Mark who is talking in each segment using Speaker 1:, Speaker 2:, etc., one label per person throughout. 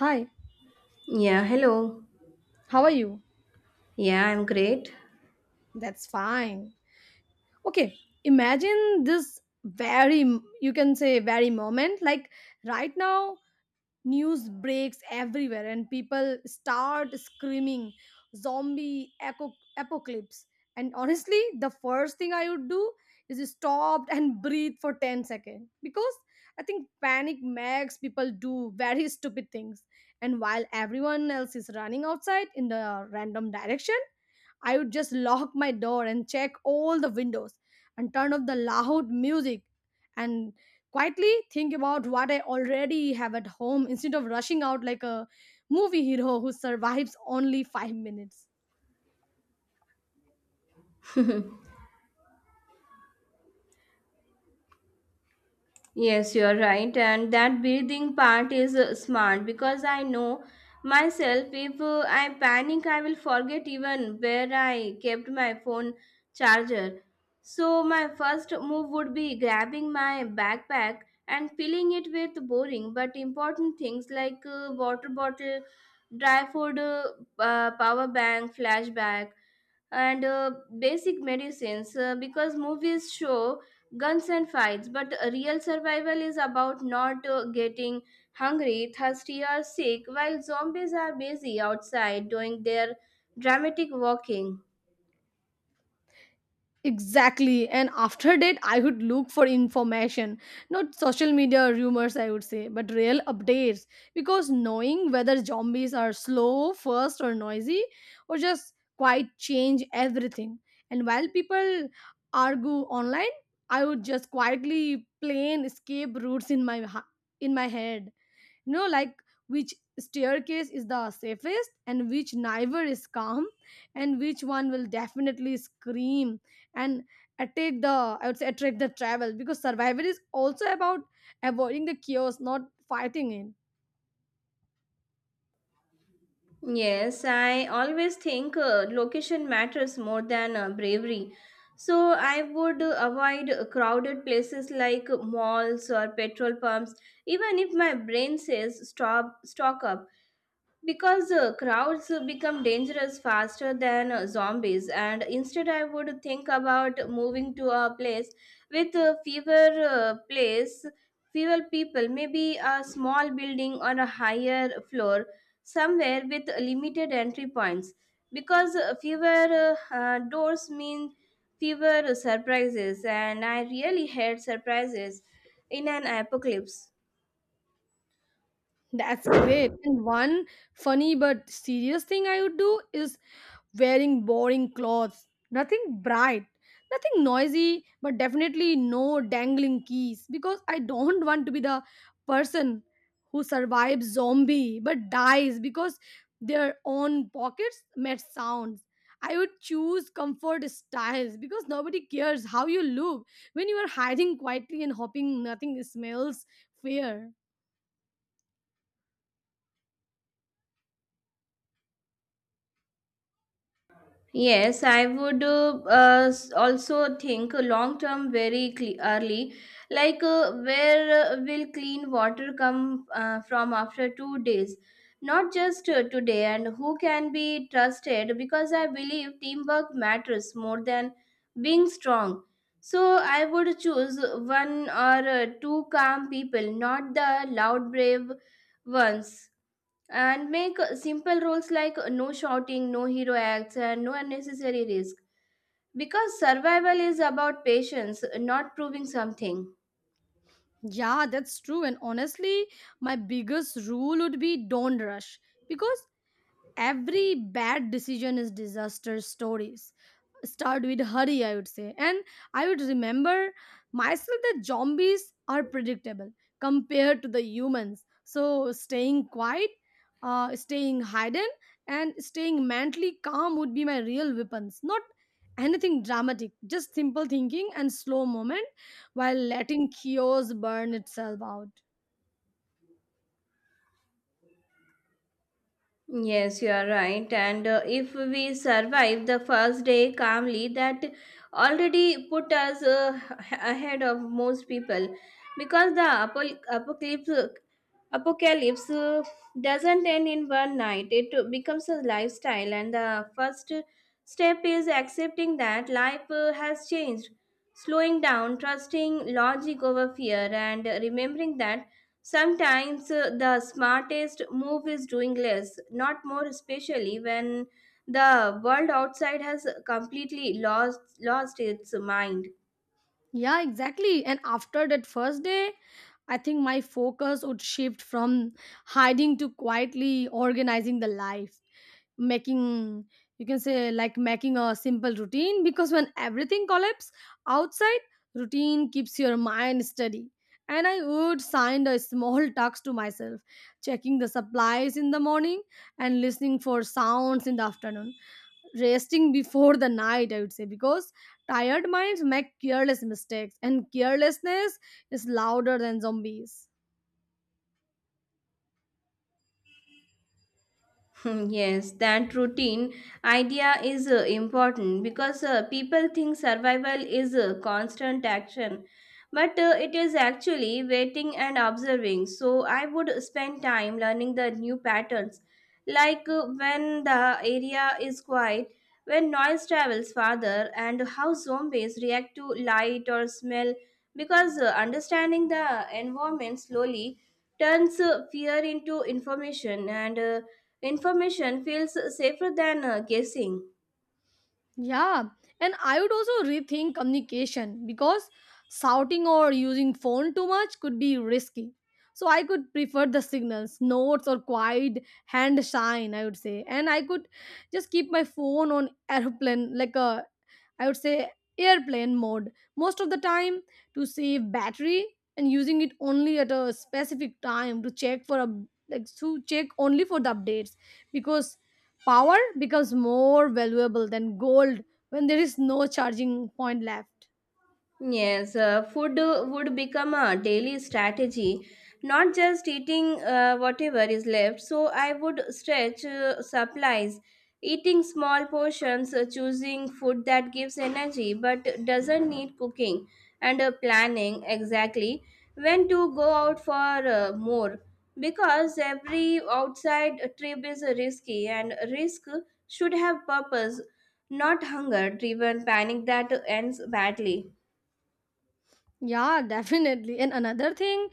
Speaker 1: Hi,
Speaker 2: Yeah, hello.
Speaker 1: how are you?
Speaker 2: Yeah, I'm great.
Speaker 1: That's fine. Okay, imagine this very, you can say, very moment. Like right now, news breaks everywhere and people start screaming zombie apocalypse. And honestly, the first thing I would do is stop and breathe for 10 seconds because I think panic makes people do very stupid things. And while everyone else is running outside in the random direction, I would just lock my door and check all the windows and turn off the loud music and quietly think about what I already have at home instead of rushing out like a movie hero who survives only 5 minutes.
Speaker 2: Yes, you're right, and that breathing part is smart because I know myself if I panic, I will forget even where I kept my phone charger. So, my first move would be grabbing my backpack and filling it with boring but important things like water bottle, dry food, power bank, flashback and basic medicines because movies show guns and fights but real survival is about not getting hungry thirsty or sick while zombies are busy outside doing their dramatic walking.
Speaker 1: Exactly. And after that, I would look for information, not social media rumors, I would say, but real updates. Because knowing whether zombies are slow, fast, or noisy, or just quite change everything. And while people argue online, I would just quietly plan escape routes in my head, like which staircase is the safest, and which neither is calm, and which one will definitely scream and attack the I would say attract the travel, because survival is also about avoiding the chaos, not fighting it.
Speaker 2: Yes, I always think location matters more than bravery, so I would avoid crowded places like malls or petrol pumps even if my brain says stop stock up, because crowds become dangerous faster than zombies, and instead I would think about moving to a place with fewer people, maybe a small building or a higher floor, somewhere with limited entry points, because fewer doors mean fewer surprises, and I really hate surprises in an apocalypse.
Speaker 1: That's great. And one funny but serious thing I would do is wearing boring clothes, nothing bright, nothing noisy, but definitely no dangling keys, because I don't want to be the person who survives zombie but dies because their own pockets made sounds. I would choose comfort styles because nobody cares how you look when you are hiding quietly and hoping nothing smells fear.
Speaker 2: Yes, I would also think long term very early, like where will clean water come from after 2 days, not just today, and who can be trusted, because I believe teamwork matters more than being strong. So I would choose one or two calm people, not the loud, brave ones, and make simple rules like no shouting, no hero acts, and no unnecessary risk. Because survival is about patience, not proving something.
Speaker 1: Yeah, that's true. And honestly, my biggest rule would be don't rush, because every bad decision is disaster stories start with hurry, I would say. And I would remember myself that zombies are predictable compared to the humans, so staying quiet, staying hidden, and staying mentally calm would be my real weapons, not anything dramatic, just simple thinking and slow moment while letting chaos burn itself out.
Speaker 2: Yes, you are right. And if we survive the first day calmly, that already put us ahead of most people, because the apocalypse doesn't end in one night, it becomes a lifestyle. And the first step is accepting that life has changed, slowing down, trusting logic over fear, and remembering that sometimes the smartest move is doing less, not more, especially when the world outside has completely lost its mind.
Speaker 1: Yeah, exactly. And after that first day, I think my focus would shift from hiding to quietly organizing the life, making, you can say, like making a simple routine, because when everything collapses outside, routine keeps your mind steady. And I would sign a small task to myself, checking the supplies in the morning and listening for sounds in the afternoon, resting before the night, I would say, because tired minds make careless mistakes, and carelessness is louder than zombies.
Speaker 2: Hmm. Yes, that routine idea is important, because people think survival is constant action, but it is actually waiting and observing. So I would spend time learning the new patterns, like when the area is quiet, when noise travels farther, and how zombies react to light or smell. Because understanding the environment slowly turns fear into information, and information feels safer than guessing.
Speaker 1: Yeah, and I would also rethink communication because shouting or using phone too much could be risky. So I could prefer the signals, notes or quiet hand sign, I would say. And I could just keep my phone on airplane like a I would say airplane mode most of the time to save battery, and using it only at a specific time to check for a like to check only for the updates, because power becomes more valuable than gold when there is no charging point left.
Speaker 2: Yes, food would become a daily strategy, not just eating whatever is left. So I would stretch supplies, eating small portions, choosing food that gives energy but doesn't need cooking, and planning exactly when to go out for more. Because every outside trip is risky, and risk should have purpose, not hunger driven panic that ends badly.
Speaker 1: Yeah, definitely. And another thing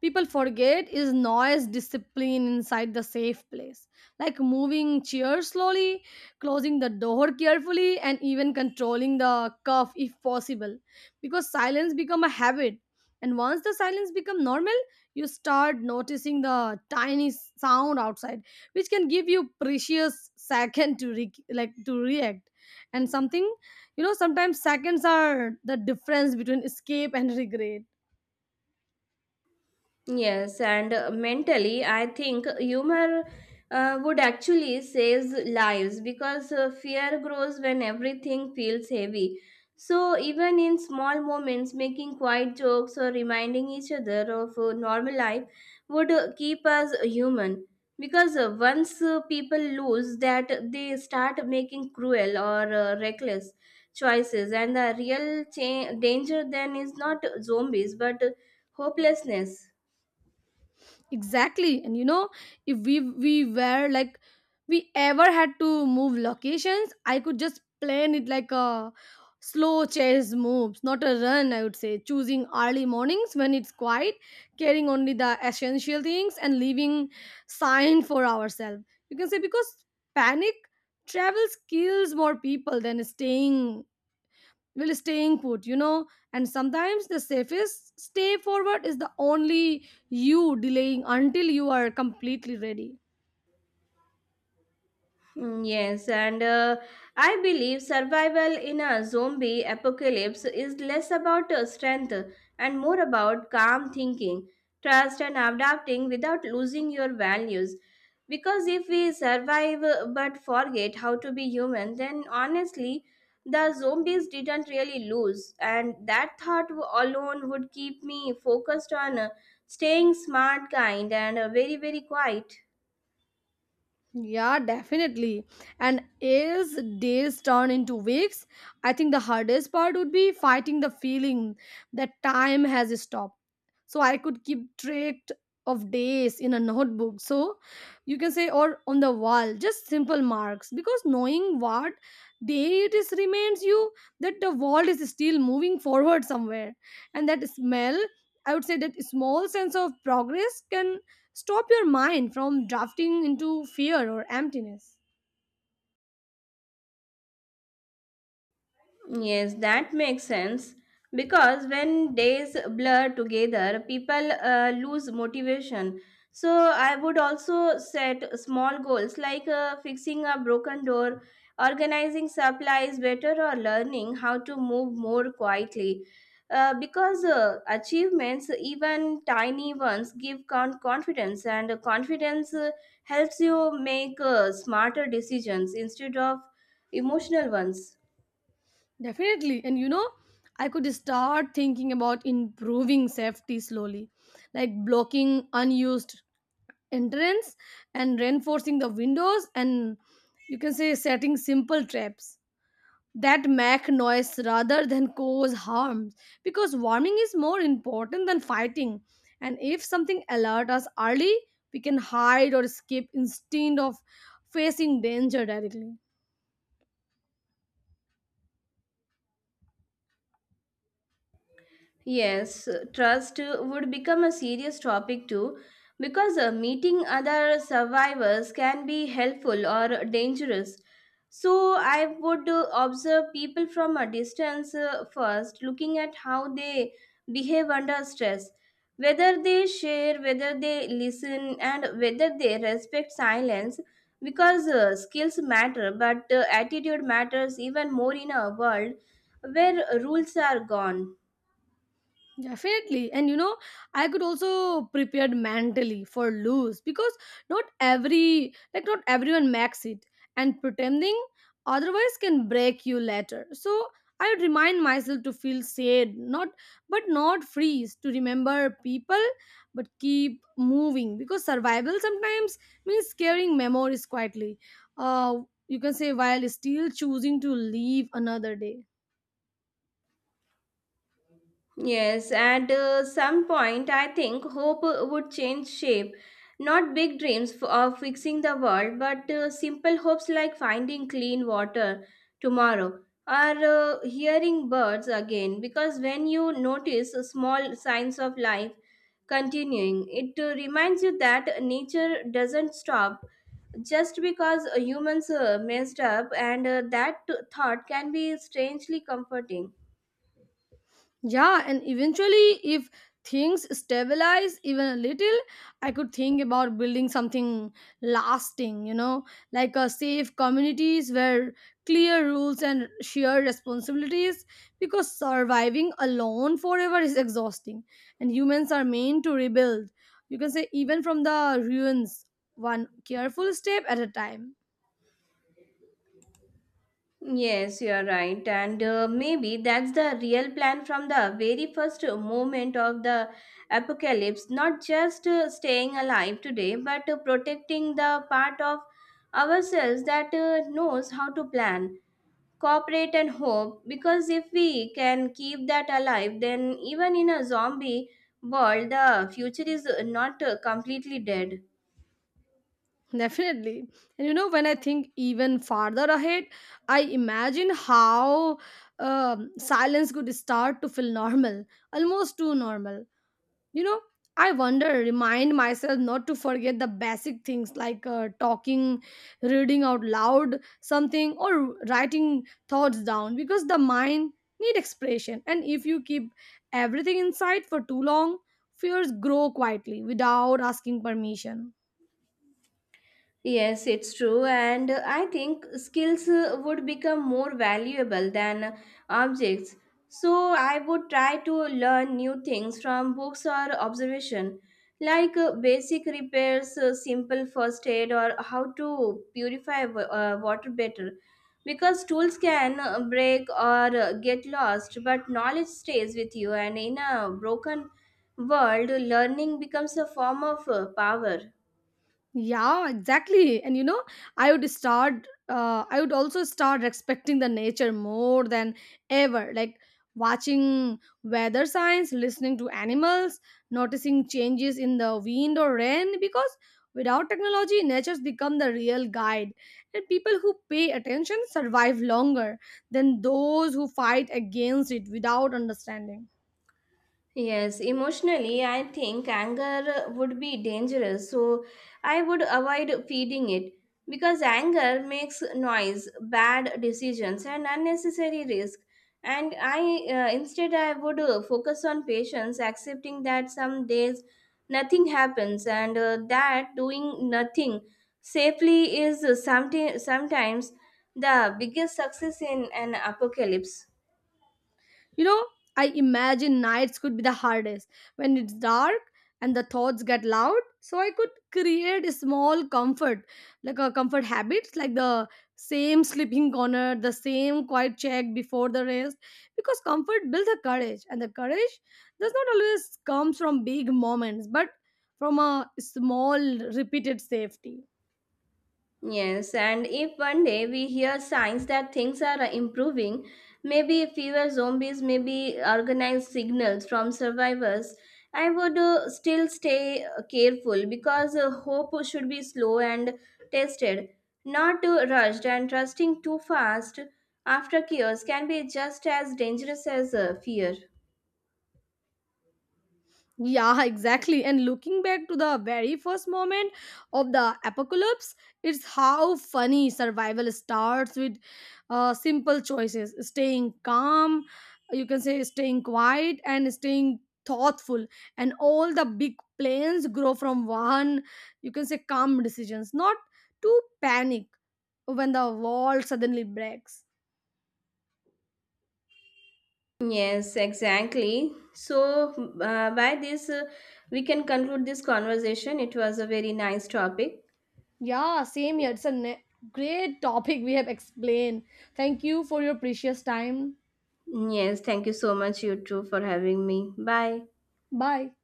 Speaker 1: people forget is noise discipline inside the safe place, like moving chairs slowly, closing the door carefully, and even controlling the cough if possible, because silence become a habit. And once the silence become normal, you start noticing the tiny sound outside, which can give you precious second to re- like to react. And sometimes seconds are the difference between escape and regret.
Speaker 2: Yes, and mentally, I think humor would actually save lives, because fear grows when everything feels heavy. So, even in small moments, making quiet jokes or reminding each other of normal life would keep us human. Because once people lose that, they start making cruel or reckless choices, and the real danger then is not zombies but hopelessness.
Speaker 1: Exactly. And if we we were like we ever had to move locations, I could just plan it like a slow chase moves, not a run, I would say. Choosing early mornings when it's quiet, carrying only the essential things and leaving sign for ourselves, you can say, because panic travel kills more people than staying put. And sometimes the safest stay forward is the only you delaying until you are completely ready.
Speaker 2: Mm. Yes, and I believe survival in a zombie apocalypse is less about strength and more about calm thinking, trust, and adapting without losing your values. Because if we survive but forget how to be human, then honestly, the zombies didn't really lose, and that thought alone would keep me focused on staying smart, kind, and very, very quiet.
Speaker 1: Yeah, definitely. And as days turn into weeks, I think the hardest part would be fighting the feeling that time has stopped. So I could keep track of days in a notebook, so you can say, or on the wall, just simple marks. Because knowing what day it is reminds you that the world is still moving forward somewhere. And that smell, I would say, that small sense of progress can stop your mind from drafting into fear or emptiness.
Speaker 2: Yes, that makes sense. Because when days blur together, people lose motivation. So, I would also set small goals like fixing a broken door, organizing supplies better, or learning how to move more quietly. Because achievements, even tiny ones, give confidence, and confidence helps you make smarter decisions instead of emotional ones.
Speaker 1: Definitely. And you know, I could start thinking about improving safety slowly, like blocking unused entrance and reinforcing the windows, and, you can say, setting simple traps that make noise rather than cause harm, because warming is more important than fighting, and if something alert us early, we can hide or escape instead of facing danger directly.
Speaker 2: Yes, trust would become a serious topic too, because meeting other survivors can be helpful or dangerous. So, I would observe people from a distance first, looking at how they behave under stress, whether they share, whether they listen, and whether they respect silence, because skills matter, but attitude matters even more in a world where rules are gone.
Speaker 1: Definitely. And you know, I could also prepared mentally for lose, because not everyone makes it, and pretending otherwise can break you later. So I would remind myself to feel sad, not but not freeze, to remember people but keep moving, because survival sometimes means carrying memories quietly. Uh you can say, while still choosing to leave another day.
Speaker 2: Yes, at some point, I think hope would change shape. Not big dreams of fixing the world, but simple hopes like finding clean water tomorrow or hearing birds again. Because when you notice small signs of life continuing, it reminds you that nature doesn't stop just because humans messed up, and that thought can be strangely comforting.
Speaker 1: Yeah, and eventually, if things stabilize even a little, I could think about building something lasting, like a safe communities where clear rules and shared responsibilities, because surviving alone forever is exhausting, and humans are meant to rebuild, you can say, even from the ruins, one careful step at a time.
Speaker 2: Yes, you are right. And maybe that's the real plan from the very first moment of the apocalypse, not just staying alive today, but protecting the part of ourselves that knows how to plan, cooperate, and hope. Because if we can keep that alive, then even in a zombie world, the future is not completely dead.
Speaker 1: Definitely. And you know, when I think even farther ahead, I imagine how silence could start to feel normal, almost too normal. You know, I wonder, remind myself not to forget the basic things like talking, reading out loud something, or writing thoughts down, because the mind need expression. And if you keep everything inside for too long, fears grow quietly without asking permission.
Speaker 2: Yes, it's true, and I think skills would become more valuable than objects. So I would try to learn new things from books or observation, like basic repairs, simple first aid, or how to purify water better. Because tools can break or get lost, but knowledge stays with you, and in a broken world, learning becomes a form of power.
Speaker 1: Yeah, exactly. And you know, I would also start respecting the nature more than ever. Like watching weather signs, listening to animals, noticing changes in the wind or rain. Because without technology, nature's become the real guide. And people who pay attention survive longer than those who fight against it without understanding.
Speaker 2: Yes, emotionally, I think anger would be dangerous, so I would avoid feeding it, because anger makes noise, bad decisions, and unnecessary risk. And I instead I would focus on patience, accepting that some days nothing happens, and that doing nothing safely is something sometimes the biggest success in an apocalypse.
Speaker 1: You know, I imagine nights could be the hardest when it's dark and the thoughts get loud. So I could create a small comfort, like a comfort habits, like the same sleeping corner, the same quiet check before the rest, because comfort builds a courage, and the courage does not always comes from big moments, but from a small repeated safety.
Speaker 2: Yes, and if one day we hear signs that things are improving, maybe fewer zombies, maybe organized signals from survivors, I would still stay careful, because hope should be slow and tested, not rushed, and trusting too fast after chaos can be just as dangerous as fear.
Speaker 1: Yeah, exactly. And looking back to the very first moment of the apocalypse, it's how funny survival starts with simple choices, staying calm, you can say, staying quiet, and staying thoughtful. And all the big plans grow from one, you can say, calm decisions, not to panic when the wall suddenly breaks.
Speaker 2: Yes, exactly. So, by this, we can conclude this conversation. It was a very nice topic.
Speaker 1: Yeah, same here. It's a great topic we have explained. Thank you for your precious time.
Speaker 2: Yes, thank you so much, you too, for having me. Bye.
Speaker 1: Bye.